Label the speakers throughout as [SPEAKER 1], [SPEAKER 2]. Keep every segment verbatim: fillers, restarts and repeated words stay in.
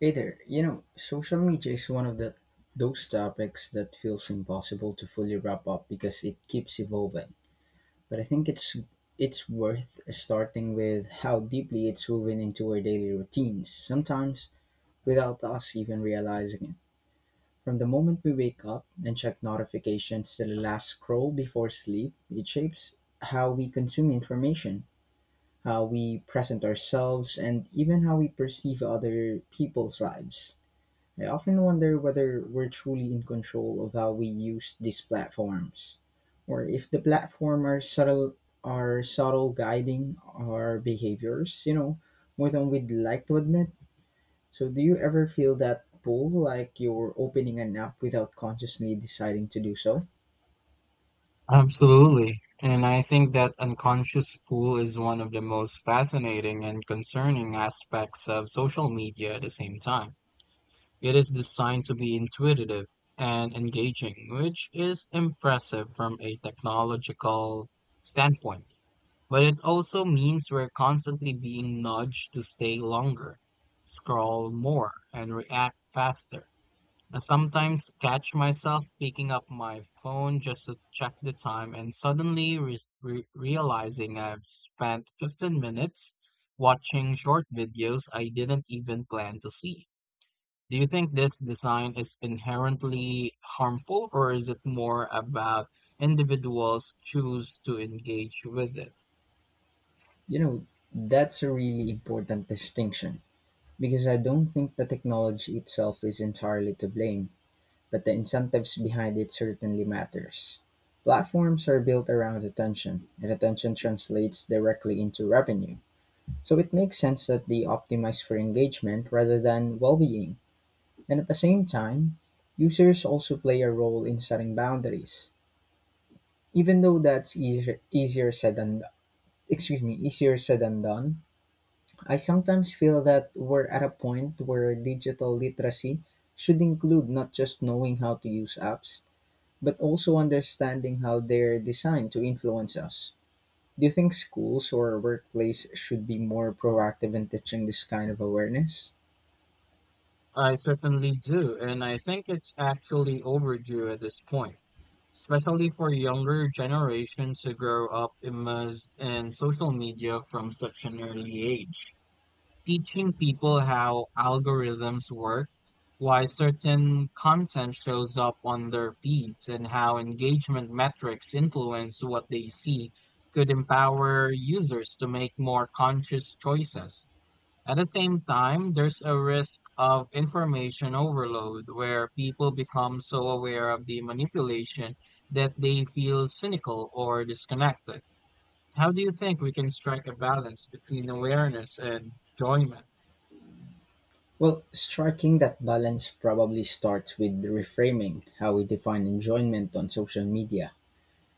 [SPEAKER 1] Hey there, you know, social media is one of the those topics that feels impossible to fully wrap up because it keeps evolving. But I think it's it's worth starting with how deeply it's woven into our daily routines, sometimes without us even realizing it. From the moment we wake up and check notifications to the last scroll before sleep, it shapes how we consume information, how we present ourselves, and even how we perceive other people's lives. I often wonder whether we're truly in control of how we use these platforms, or if the platform are subtle are subtle guiding our behaviors, you know, more than we'd like to admit. So do you ever feel that pull like you're opening an app without consciously deciding to do so?
[SPEAKER 2] Absolutely. And I think that unconscious pull is one of the most fascinating and concerning aspects of social media at the same time. It is designed to be intuitive and engaging, which is impressive from a technological standpoint. But it also means we're constantly being nudged to stay longer, scroll more, and react faster. I sometimes catch myself picking up my phone just to check the time and suddenly re- re- realizing I've spent fifteen minutes watching short videos I didn't even plan to see. Do you think this design is inherently harmful, or is it more about individuals choose to engage with it?
[SPEAKER 1] You know, that's a really important distinction because I don't think the technology itself is entirely to blame, but the incentives behind it certainly matters. Platforms are built around attention, and attention translates directly into revenue. So it makes sense that they optimize for engagement rather than well being. And at the same time, users also play a role in setting boundaries. Even though that's easier, easier said than excuse me, easier said than done, I sometimes feel that we're at a point where digital literacy should include not just knowing how to use apps, but also understanding how they're designed to influence us. Do you think schools or workplace should be more proactive in teaching this kind of awareness?
[SPEAKER 2] I certainly do, and I think it's actually overdue at this point, especially for younger generations who grow up immersed in social media from such an early age. Teaching people how algorithms work, why certain content shows up on their feeds, and how engagement metrics influence what they see could empower users to make more conscious choices. At the same time, there's a risk of information overload where people become so aware of the manipulation that they feel cynical or disconnected. How do you think we can strike a balance between awareness and enjoyment?
[SPEAKER 1] Well, striking that balance probably starts with reframing how we define enjoyment on social media.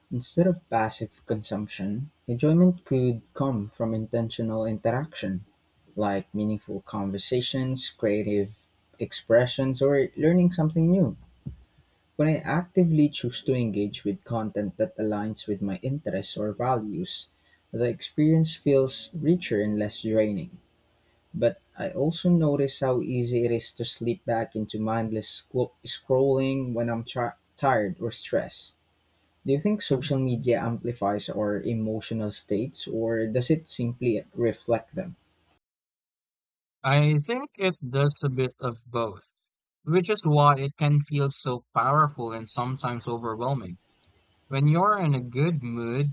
[SPEAKER 1] Instead of passive consumption, enjoyment could come from intentional interaction, like meaningful conversations, creative expressions, or learning something new. When I actively choose to engage with content that aligns with my interests or values, the experience feels richer and less draining. But I also notice how easy it is to slip back into mindless scro- scrolling when I'm tra- tired or stressed. Do you think social media amplifies our emotional states, or does it simply reflect them?
[SPEAKER 2] I think it does a bit of both, which is why it can feel so powerful and sometimes overwhelming. When you're in a good mood,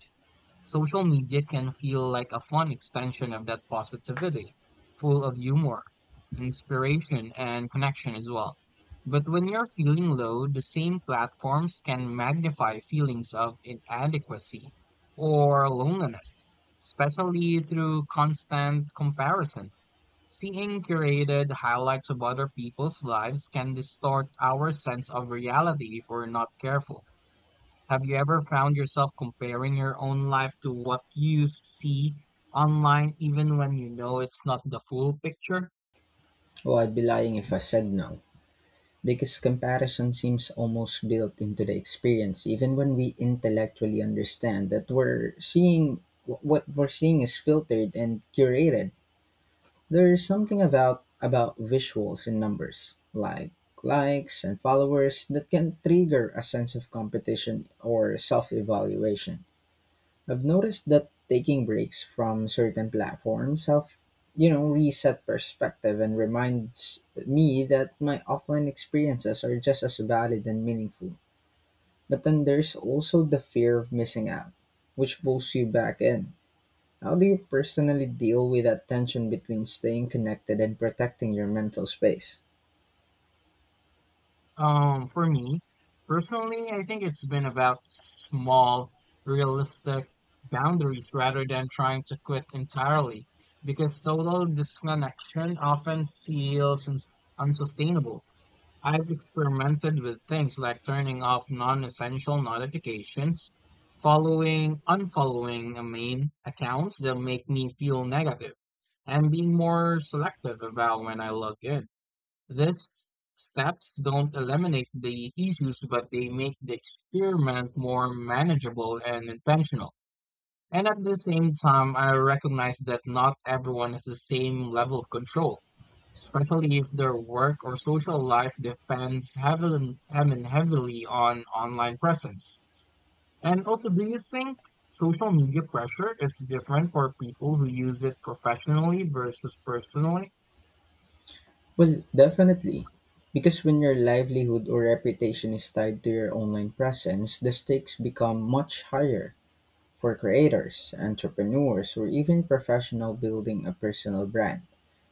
[SPEAKER 2] social media can feel like a fun extension of that positivity, full of humor, inspiration, and connection as well. But when you're feeling low, the same platforms can magnify feelings of inadequacy or loneliness, especially through constant comparison. Seeing curated highlights of other people's lives can distort our sense of reality if we're not careful. Have you ever found yourself comparing your own life to what you see online, even when you know it's not the full picture?
[SPEAKER 1] Oh, I'd be lying if I said no. Because comparison seems almost built into the experience, even when we intellectually understand that we're seeing what we're seeing is filtered and curated. There's something about about visuals and numbers, like likes and followers, that can trigger a sense of competition or self-evaluation. I've noticed that taking breaks from certain platforms help, you know, reset perspective and reminds me that my offline experiences are just as valid and meaningful. But then there's also the fear of missing out, which pulls you back in. How do you personally deal with that tension between staying connected and protecting your mental space?
[SPEAKER 2] Um, for me, personally, I think it's been about small, realistic boundaries rather than trying to quit entirely, because total disconnection often feels uns unsustainable. I've experimented with things like turning off non-essential notifications, following, unfollowing uh, main accounts that make me feel negative, and being more selective about when I log in. These steps don't eliminate the issues, but they make the experiment more manageable and intentional. And at the same time, I recognize that not everyone has the same level of control, especially if their work or social life depends heavily, I mean, heavily on online presence. And also, do you think social media pressure is different for people who use it professionally versus personally?
[SPEAKER 1] Well, definitely. Because when your livelihood or reputation is tied to your online presence, the stakes become much higher. For creators, entrepreneurs, or even professionals building a personal brand,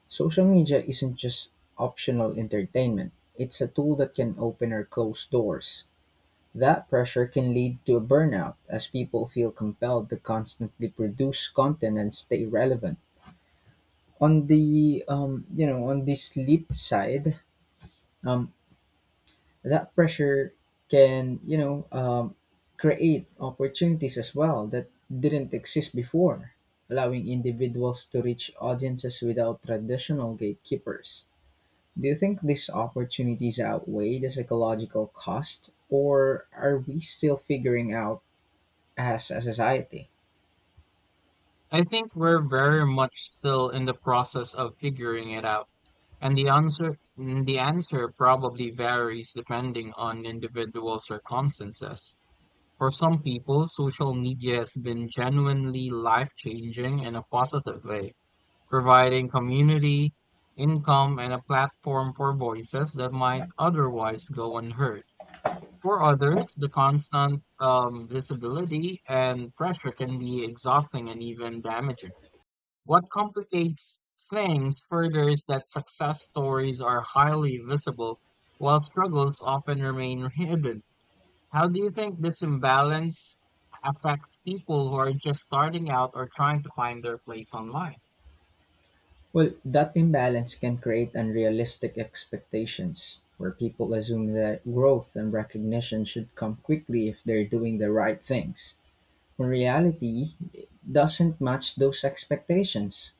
[SPEAKER 1] social media isn't just optional entertainment. It's a tool that can open or close doors. That pressure can lead to a burnout as people feel compelled to constantly produce content and stay relevant. On the um, you know, on the sleep side, um, that pressure can, you know um, create opportunities as well that didn't exist before, allowing individuals to reach audiences without traditional gatekeepers. Do you think these opportunities outweigh the psychological cost, or are we still figuring out as a society?
[SPEAKER 2] I think we're very much still in the process of figuring it out, and the answer mm, the answer probably varies depending on individual circumstances. For some people, social media has been genuinely life-changing in a positive way, providing community, income, and a platform for voices that might otherwise go unheard. For others, the constant um, visibility and pressure can be exhausting and even damaging. What complicates things further is that success stories are highly visible, while struggles often remain hidden. How do you think this imbalance affects people who are just starting out or trying to find their place online?
[SPEAKER 1] Well, that imbalance can create unrealistic expectations where people assume that growth and recognition should come quickly if they're doing the right things. Reality doesn't match those expectations.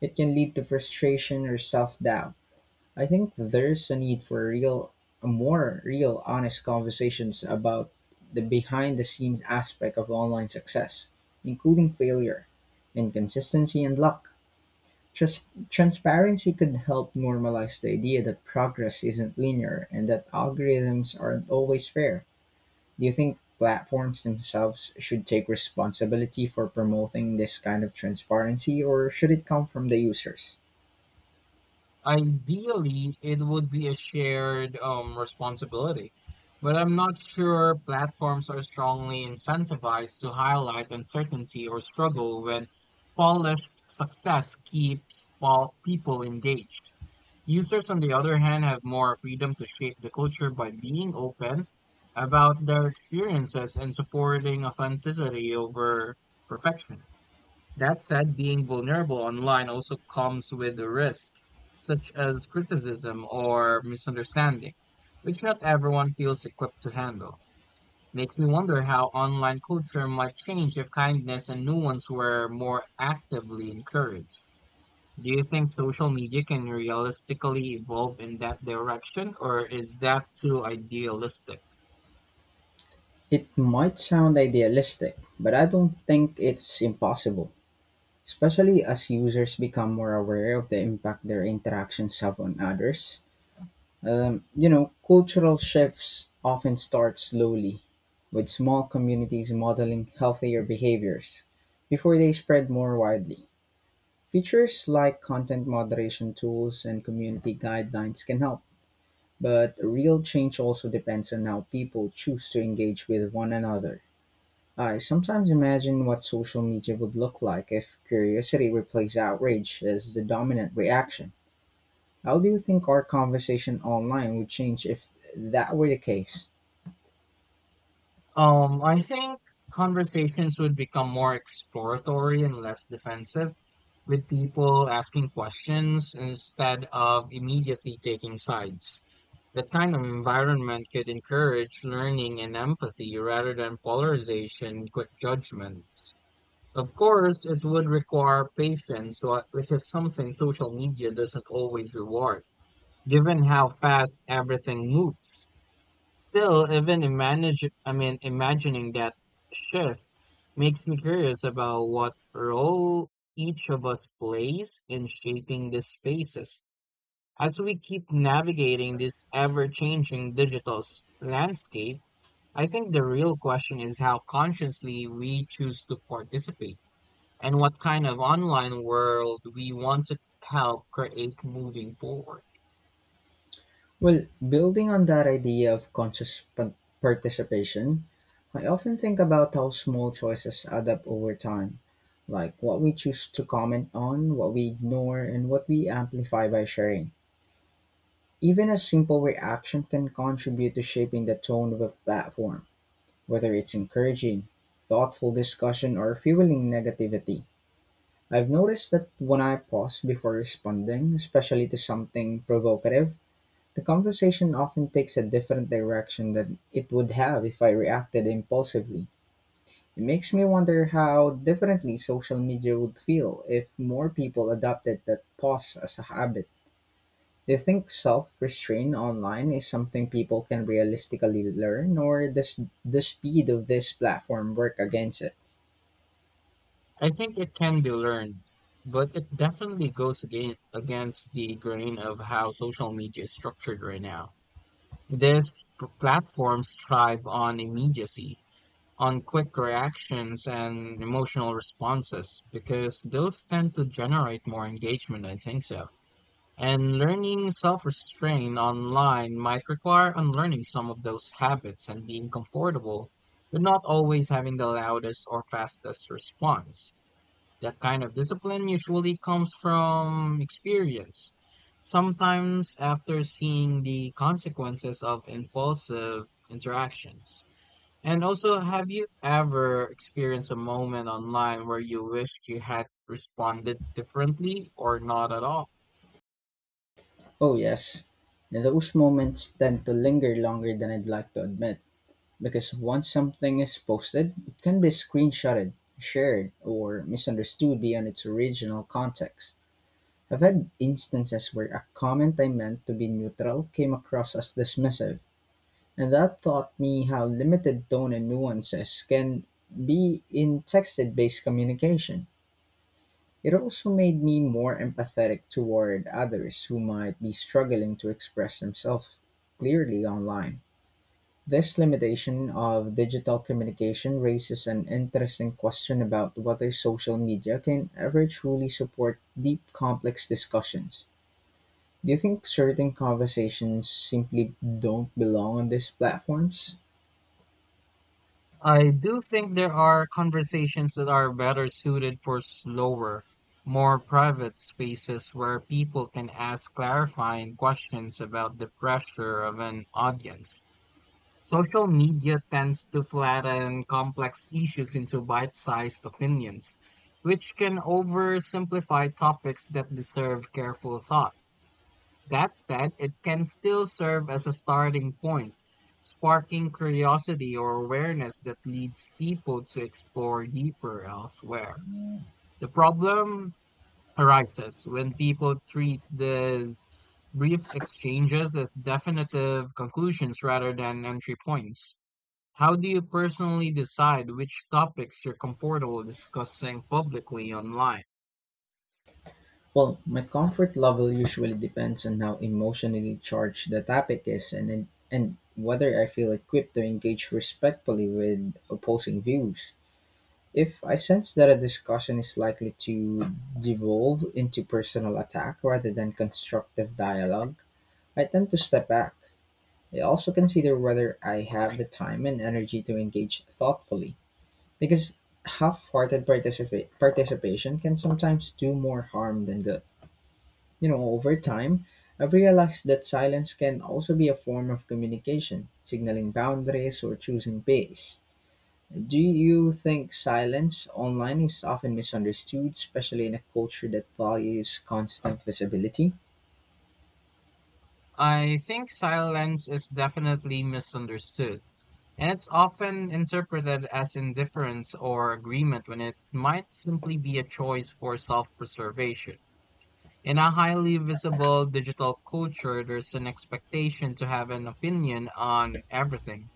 [SPEAKER 1] It can lead to frustration or self doubt. I think there's a need for real, more real, honest conversations about the behind the scenes aspect of online success, including failure, inconsistency, and luck. Trans- transparency could help normalize the idea that progress isn't linear and that algorithms aren't always fair. Do you think platforms themselves should take responsibility for promoting this kind of transparency, or should it come from the users?
[SPEAKER 2] Ideally, it would be a shared um, responsibility, but I'm not sure platforms are strongly incentivized to highlight uncertainty or struggle when polished success keeps pol- people engaged. Users, on the other hand, have more freedom to shape the culture by being open about their experiences and supporting authenticity over perfection. That said, being vulnerable online also comes with a risk, such as criticism or misunderstanding, which not everyone feels equipped to handle. Makes me wonder how online culture might change if kindness and nuance were more actively encouraged. Do you think social media can realistically evolve in that direction, or is that too idealistic?
[SPEAKER 1] It might sound idealistic, but I don't think it's impossible, especially as users become more aware of the impact their interactions have on others. Um, you know, cultural shifts often start slowly, with small communities modeling healthier behaviors before they spread more widely. Features like content moderation tools and community guidelines can help, but real change also depends on how people choose to engage with one another. I sometimes imagine what social media would look like if curiosity replaced outrage as the dominant reaction. How do you think our conversation online would change if that were the case?
[SPEAKER 2] Um, I think conversations would become more exploratory and less defensive, with people asking questions instead of immediately taking sides. That kind of environment could encourage learning and empathy rather than polarization and quick judgments. Of course, it would require patience, wha- which is something social media doesn't always reward, given how fast everything moves. Still, even manage I mean, imagining that shift makes me curious about what role each of us plays in shaping these spaces. As we keep navigating this ever-changing digital s- landscape, I think the real question is how consciously we choose to participate and what kind of online world we want to help create moving forward.
[SPEAKER 1] Well, building on that idea of conscious pa- participation, I often think about how small choices add up over time, like what we choose to comment on, what we ignore, and what we amplify by sharing. Even a simple reaction can contribute to shaping the tone of a platform, whether it's encouraging, thoughtful discussion, or fueling negativity. I've noticed that when I pause before responding, especially to something provocative, the conversation often takes a different direction than it would have if I reacted impulsively. It makes me wonder how differently social media would feel if more people adopted that pause as a habit. Do you think self restraint online is something people can realistically learn, or does the speed of this platform work against it?
[SPEAKER 2] I think it can be learned, but it definitely goes again against the grain of how social media is structured right now. These p- platforms thrive on immediacy, on quick reactions and emotional responses because those tend to generate more engagement, I think so. And learning self-restraint online might require unlearning some of those habits and being comfortable, but not always having the loudest or fastest response. That kind of discipline usually comes from experience. Sometimes after seeing the consequences of impulsive interactions. And also, have you ever experienced a moment online where you wished you had responded differently or not at all?
[SPEAKER 1] Oh, yes. Those moments tend to linger longer than I'd like to admit. Because once something is posted, it can be screenshotted, shared, or misunderstood beyond its original context. I've had instances where a comment I meant to be neutral came across as dismissive, and that taught me how limited tone and nuances can be in texted based communication. It also made me more empathetic toward others who might be struggling to express themselves clearly online. This limitation of digital communication raises an interesting question about whether social media can ever truly support deep, complex discussions. Do you think certain conversations simply don't belong on these platforms?
[SPEAKER 2] I do think there are conversations that are better suited for slower, more private spaces where people can ask clarifying questions about the pressure of an audience. Social media tends to flatten complex issues into bite sized opinions, which can oversimplify topics that deserve careful thought. That said, it can still serve as a starting point, sparking curiosity or awareness that leads people to explore deeper elsewhere. The problem arises when people treat these brief exchanges as definitive conclusions rather than entry points. How do you personally decide which topics you're comfortable discussing publicly online?
[SPEAKER 1] Well, my comfort level usually depends on how emotionally charged the topic is and, and whether I feel equipped to engage respectfully with opposing views. If I sense that a discussion is likely to devolve into personal attack rather than constructive dialogue, I tend to step back. I also consider whether I have the time and energy to engage thoughtfully, because half hearted participa- participation can sometimes do more harm than good. You know, over time, I've realized that silence can also be a form of communication, signaling boundaries or choosing pace. Do you think silence online is often misunderstood, especially in a culture that values constant visibility?
[SPEAKER 2] I think silence is definitely misunderstood, and it's often interpreted as indifference or agreement when it might simply be a choice for self preservation. In a highly visible digital culture, there's an expectation to have an opinion on everything,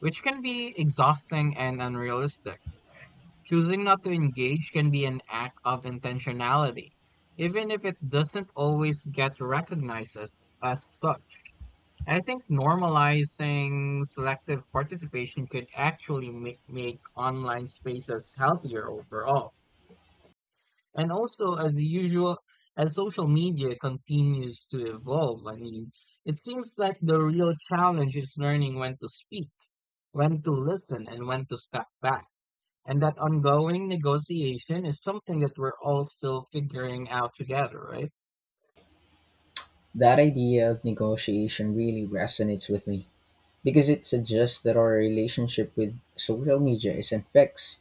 [SPEAKER 2] which can be exhausting and unrealistic. Choosing not to engage can be an act of intentionality, even if it doesn't always get recognized as, as such. I think normalizing selective participation could actually make, make online spaces healthier overall. And also, as usual, as social media continues to evolve, I mean, it seems like the real challenge is learning when to speak, when to listen, and when to step back. And that ongoing negotiation is something that we're all still figuring out together, right?
[SPEAKER 1] That idea of negotiation really resonates with me because it suggests that our relationship with social media isn't fixed,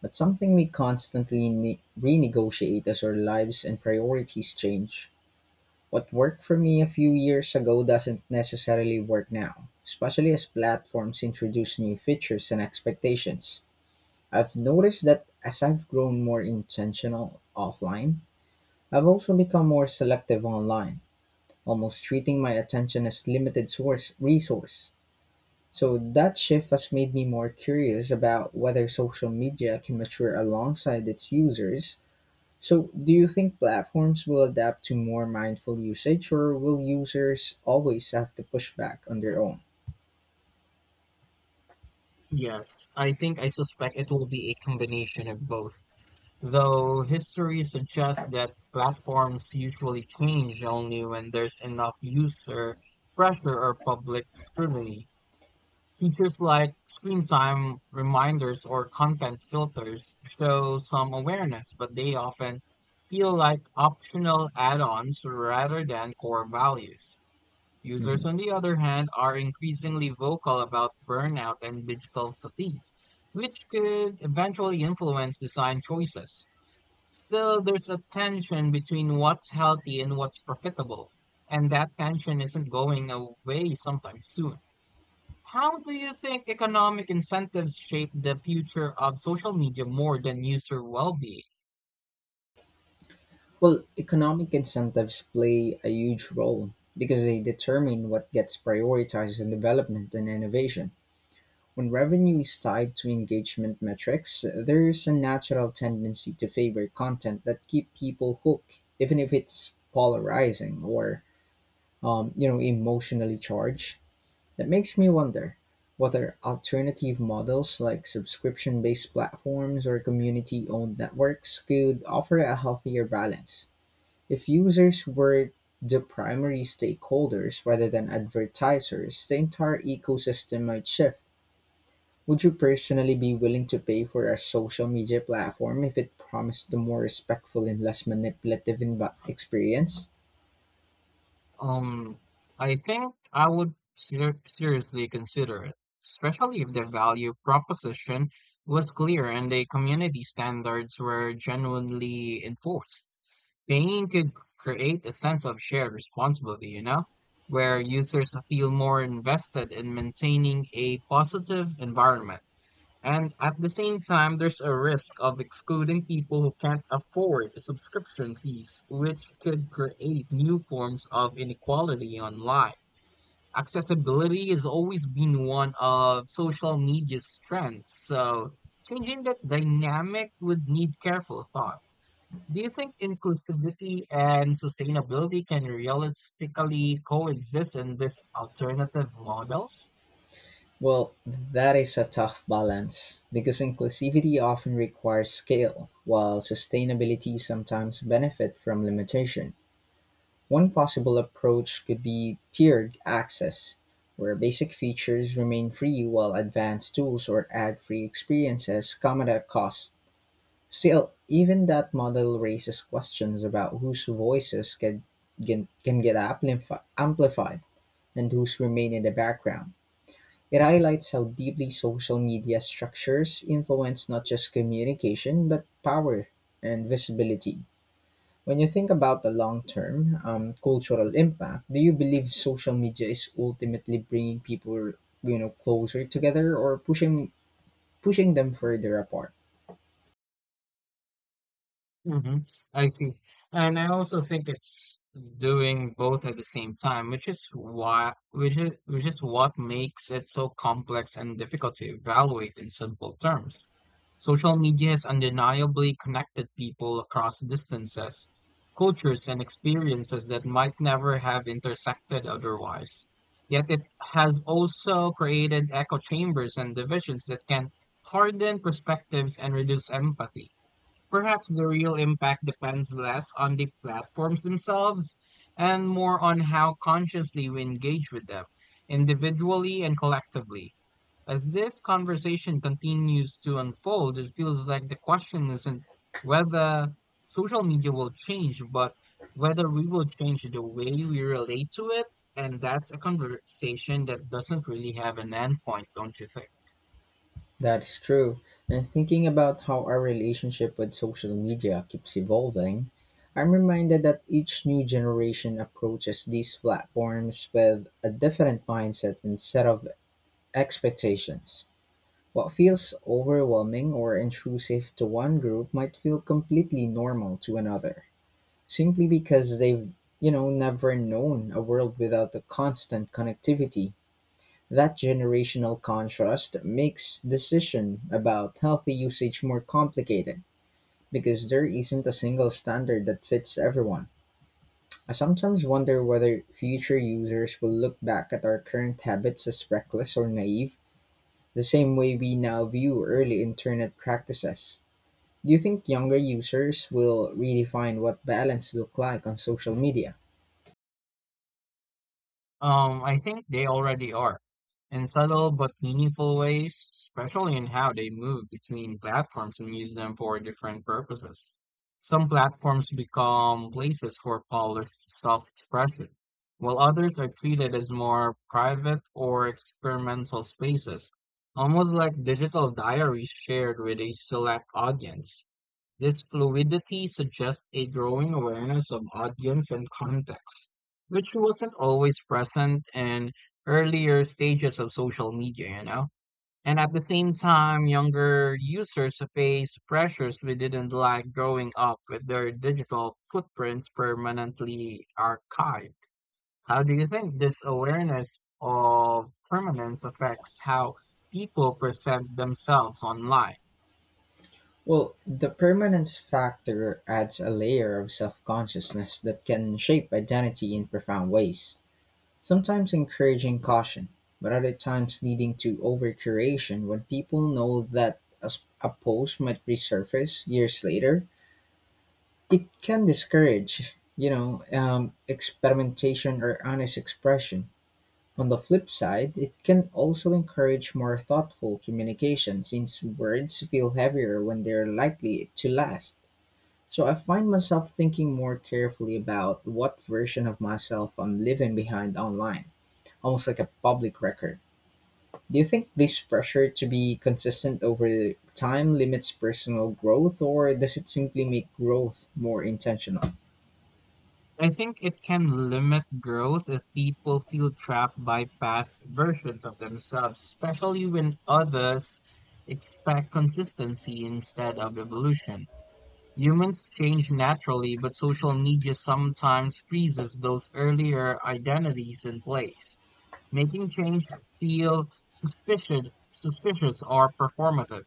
[SPEAKER 1] but something we constantly ne- renegotiate as our lives and priorities change. What worked for me a few years ago doesn't necessarily work now, especially as platforms introduce new features and expectations. I've noticed that as I've grown more intentional offline, I've also become more selective online, almost treating my attention as limited source resource. So that shift has made me more curious about whether social media can mature alongside its users. So do you think platforms will adapt to more mindful usage, or will users always have to push back on their own?
[SPEAKER 2] Yes, I think I suspect it will be a combination of both. Though history suggests that platforms usually change only when there's enough user pressure or public scrutiny. Features like screen time reminders or content filters show some awareness, but they often feel like optional add ons rather than core values. Users,
[SPEAKER 1] Mhm.
[SPEAKER 2] on the other hand, are increasingly vocal about burnout and digital fatigue, which could eventually influence design choices. Still, there's a tension between what's healthy and what's profitable, and that tension isn't going away sometime soon. How do you think economic incentives shape the future of social media more than user well being?
[SPEAKER 1] Well, economic incentives play a huge role because they determine what gets prioritized in development and innovation. When revenue is tied to engagement metrics, there's a natural tendency to favor content that keep people hooked, even if it's polarizing or um, you know, emotionally charged. That makes me wonder whether alternative models like subscription-based platforms or community-owned networks could offer a healthier balance. If users were the primary stakeholders rather than advertisers, the entire ecosystem might shift. Would you personally be willing to pay for a social media platform if it promised a more respectful and less manipulative env- experience?
[SPEAKER 2] Um, I think I would ser- seriously consider it, especially if the value proposition was clear and the community standards were genuinely enforced. Paying could create a sense of shared responsibility, you know, where users feel more invested in maintaining a positive environment. And at the same time, there's a risk of excluding people who can't afford subscription fees, which could create new forms of inequality online. Accessibility has always been one of social media's strengths, so changing that dynamic would need careful thought. Do you think inclusivity and sustainability can realistically coexist in these alternative models?
[SPEAKER 1] Well, that is a tough balance because inclusivity often requires scale, while sustainability sometimes benefit from limitation. One possible approach could be tiered access, where basic features remain free while advanced tools or ad free experiences come at a cost. Still, even that model raises questions about whose voices can, can, can get amplifi- amplified and whose remain in the background. It highlights how deeply social media structures influence not just communication, but power and visibility. When you think about the long term um, cultural impact, do you believe social media is ultimately bringing people, you know, closer together or pushing pushing them further apart?
[SPEAKER 2] hmm I see. And I also think it's doing both at the same time, which is why, which is, which is what makes it so complex and difficult to evaluate in simple terms. Social media has undeniably connected people across distances, cultures, and experiences that might never have intersected otherwise. Yet it has also created echo chambers and divisions that can harden perspectives and reduce empathy. Perhaps the real impact depends less on the platforms themselves and more on how consciously we engage with them, individually and collectively. As this conversation continues to unfold, it feels like the question isn't whether social media will change, but whether we will change the way we relate to it. And that's a conversation that doesn't really have an end point, don't you think?
[SPEAKER 1] That's true. And thinking about how our relationship with social media keeps evolving, I'm reminded that each new generation approaches these platforms with a different mindset and set of expectations. What feels overwhelming or intrusive to one group might feel completely normal to another, simply because they've, you know, never known a world without the constant connectivity. That generational contrast makes decision about healthy usage more complicated because there isn't a single standard that fits everyone. I sometimes wonder whether future users will look back at our current habits as reckless or naive, the same way we now view early internet practices. Do you think younger users will redefine what balance look like on social media?
[SPEAKER 2] Um, I think they already are, in subtle but meaningful ways, especially in how they move between platforms and use them for different purposes. Some platforms become places for polished self-expression, while others are treated as more private or experimental spaces, almost like digital diaries shared with a select audience. This fluidity suggests a growing awareness of audience and context, which wasn't always present in earlier stages of social media, you know? And at the same time, younger users face pressures we didn't like growing up with, their digital footprints permanently archived. How do you think this awareness of permanence affects how people present themselves online?
[SPEAKER 1] Well, the permanence factor adds a layer of self-consciousness that can shape identity in profound ways, sometimes encouraging caution, but other times leading to over-curation when people know that a, s- a post might resurface years later. It can discourage, you know, um, experimentation or honest expression. On the flip side, it can also encourage more thoughtful communication since words feel heavier when they're likely to last. So I find myself thinking more carefully about what version of myself I'm leaving behind online, almost like a public record. Do you think this pressure to be consistent over time limits personal growth, or does it simply make growth more intentional?
[SPEAKER 2] I think it can limit growth if people feel trapped by past versions of themselves, especially when others expect consistency instead of evolution. Humans change naturally, but social media sometimes freezes those earlier identities in place, making change feel suspicious, suspicious or performative.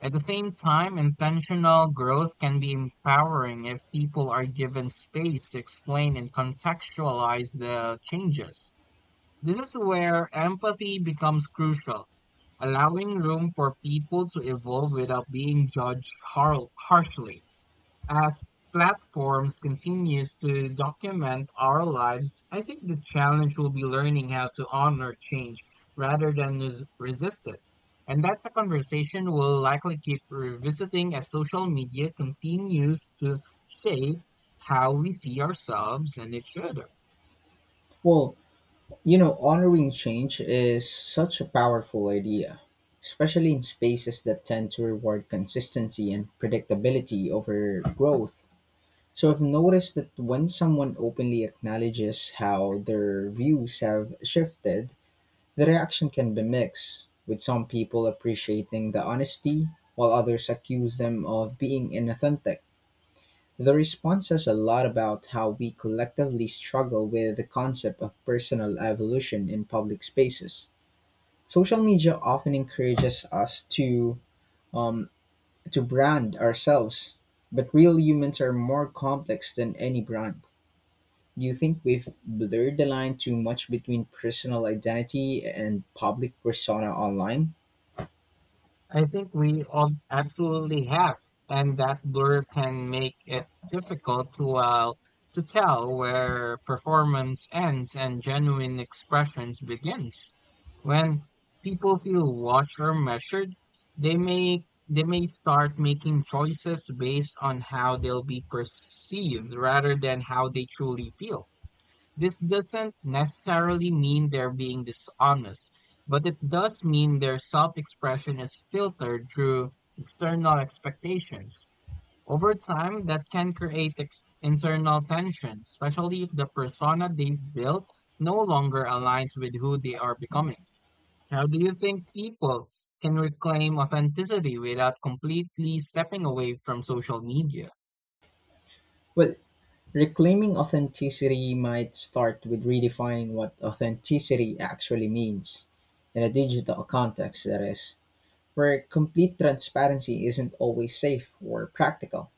[SPEAKER 2] At the same time, intentional growth can be empowering if people are given space to explain and contextualize the changes. This is where empathy becomes crucial, allowing room for people to evolve without being judged har- harshly. As platforms continues to document our lives, I think the challenge will be learning how to honor change rather than res- resist it. And that's a conversation we'll likely keep revisiting as social media continues to shape how we see ourselves and each other.
[SPEAKER 1] Well, you know, honoring change is such a powerful idea, especially in spaces that tend to reward consistency and predictability over growth. So I've noticed that when someone openly acknowledges how their views have shifted, the reaction can be mixed, with some people appreciating the honesty, while others accuse them of being inauthentic. The response says a lot about how we collectively struggle with the concept of personal evolution in public spaces. Social media often encourages us to um, to brand ourselves, but real humans are more complex than any brand. Do you think we've blurred the line too much between personal identity and public persona online?
[SPEAKER 2] I think we all absolutely have, and that blur can make it difficult to uh, to tell where performance ends and genuine expressions begins. When people feel watched or measured, they may they may start making choices based on how they'll be perceived rather than how they truly feel. This doesn't necessarily mean they're being dishonest, but it does mean their self-expression is filtered through external expectations. Over time, that can create ex- internal tension, especially if the persona they've built no longer aligns with who they are becoming. How do you think people can reclaim authenticity without completely stepping away from social media?
[SPEAKER 1] Well, reclaiming authenticity might start with redefining what authenticity actually means, in a digital context, that is, where complete transparency isn't always safe or practical.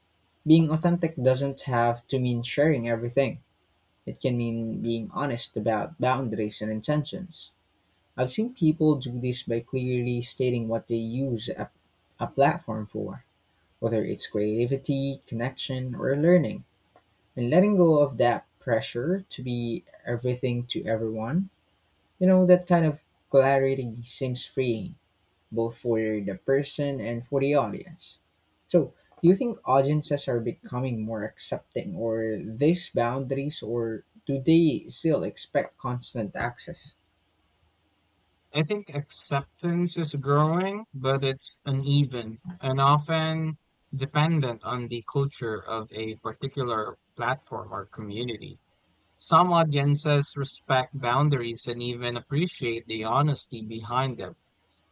[SPEAKER 1] Being authentic doesn't have to mean sharing everything, it can mean being honest about boundaries and intentions. I've seen people do this by clearly stating what they use a, a platform for, whether it's creativity, connection, or learning, and letting go of that pressure to be everything to everyone. You know, that kind of clarity seems freeing, both for the person and for the audience. So, do you think audiences are becoming more accepting or these boundaries, or do they still expect constant access?
[SPEAKER 2] I think acceptance is growing, but it's uneven and often dependent on the culture of a particular platform or community. Some audiences respect boundaries and even appreciate the honesty behind them,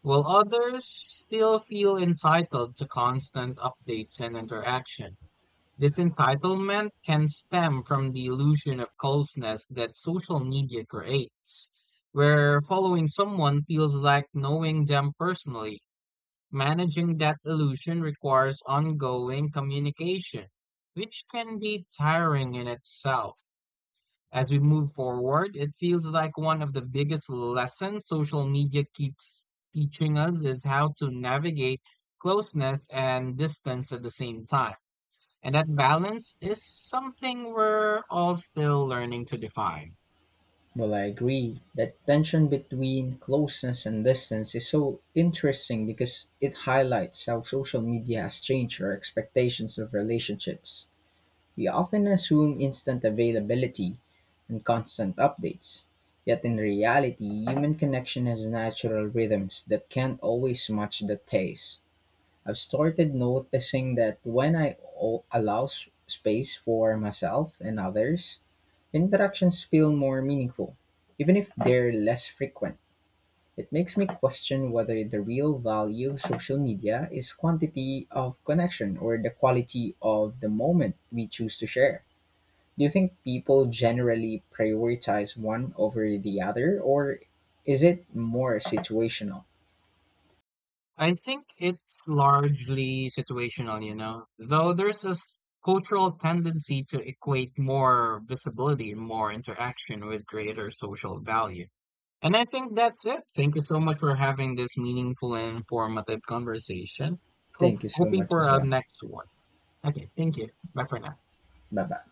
[SPEAKER 2] while others still feel entitled to constant updates and interaction. This entitlement can stem from the illusion of closeness that social media creates, where following someone feels like knowing them personally. Managing that illusion requires ongoing communication, which can be tiring in itself. As we move forward, it feels like one of the biggest lessons social media keeps teaching us is how to navigate closeness and distance at the same time. And that balance is something we're all still learning to define.
[SPEAKER 1] Well, I agree that tension between closeness and distance is so interesting because it highlights how social media has changed our expectations of relationships. We often assume instant availability and constant updates, yet in reality, human connection has natural rhythms that can't always match that pace. I've started noticing that when I o- allow s- space for myself and others, interactions feel more meaningful, even if they're less frequent. It makes me question whether the real value of social media is quantity of connection or the quality of the moment we choose to share. Do you think people generally prioritize one over the other, or is it more situational?
[SPEAKER 2] I think it's largely situational, you know, though there's this cultural tendency to equate more visibility and more interaction with greater social value. And I think that's it. Thank you so much for having this meaningful and informative conversation. Hope,
[SPEAKER 1] Thank you so
[SPEAKER 2] hoping
[SPEAKER 1] much
[SPEAKER 2] for
[SPEAKER 1] as
[SPEAKER 2] our
[SPEAKER 1] well.
[SPEAKER 2] next one. Okay, thank you. Bye for now.
[SPEAKER 1] Bye bye.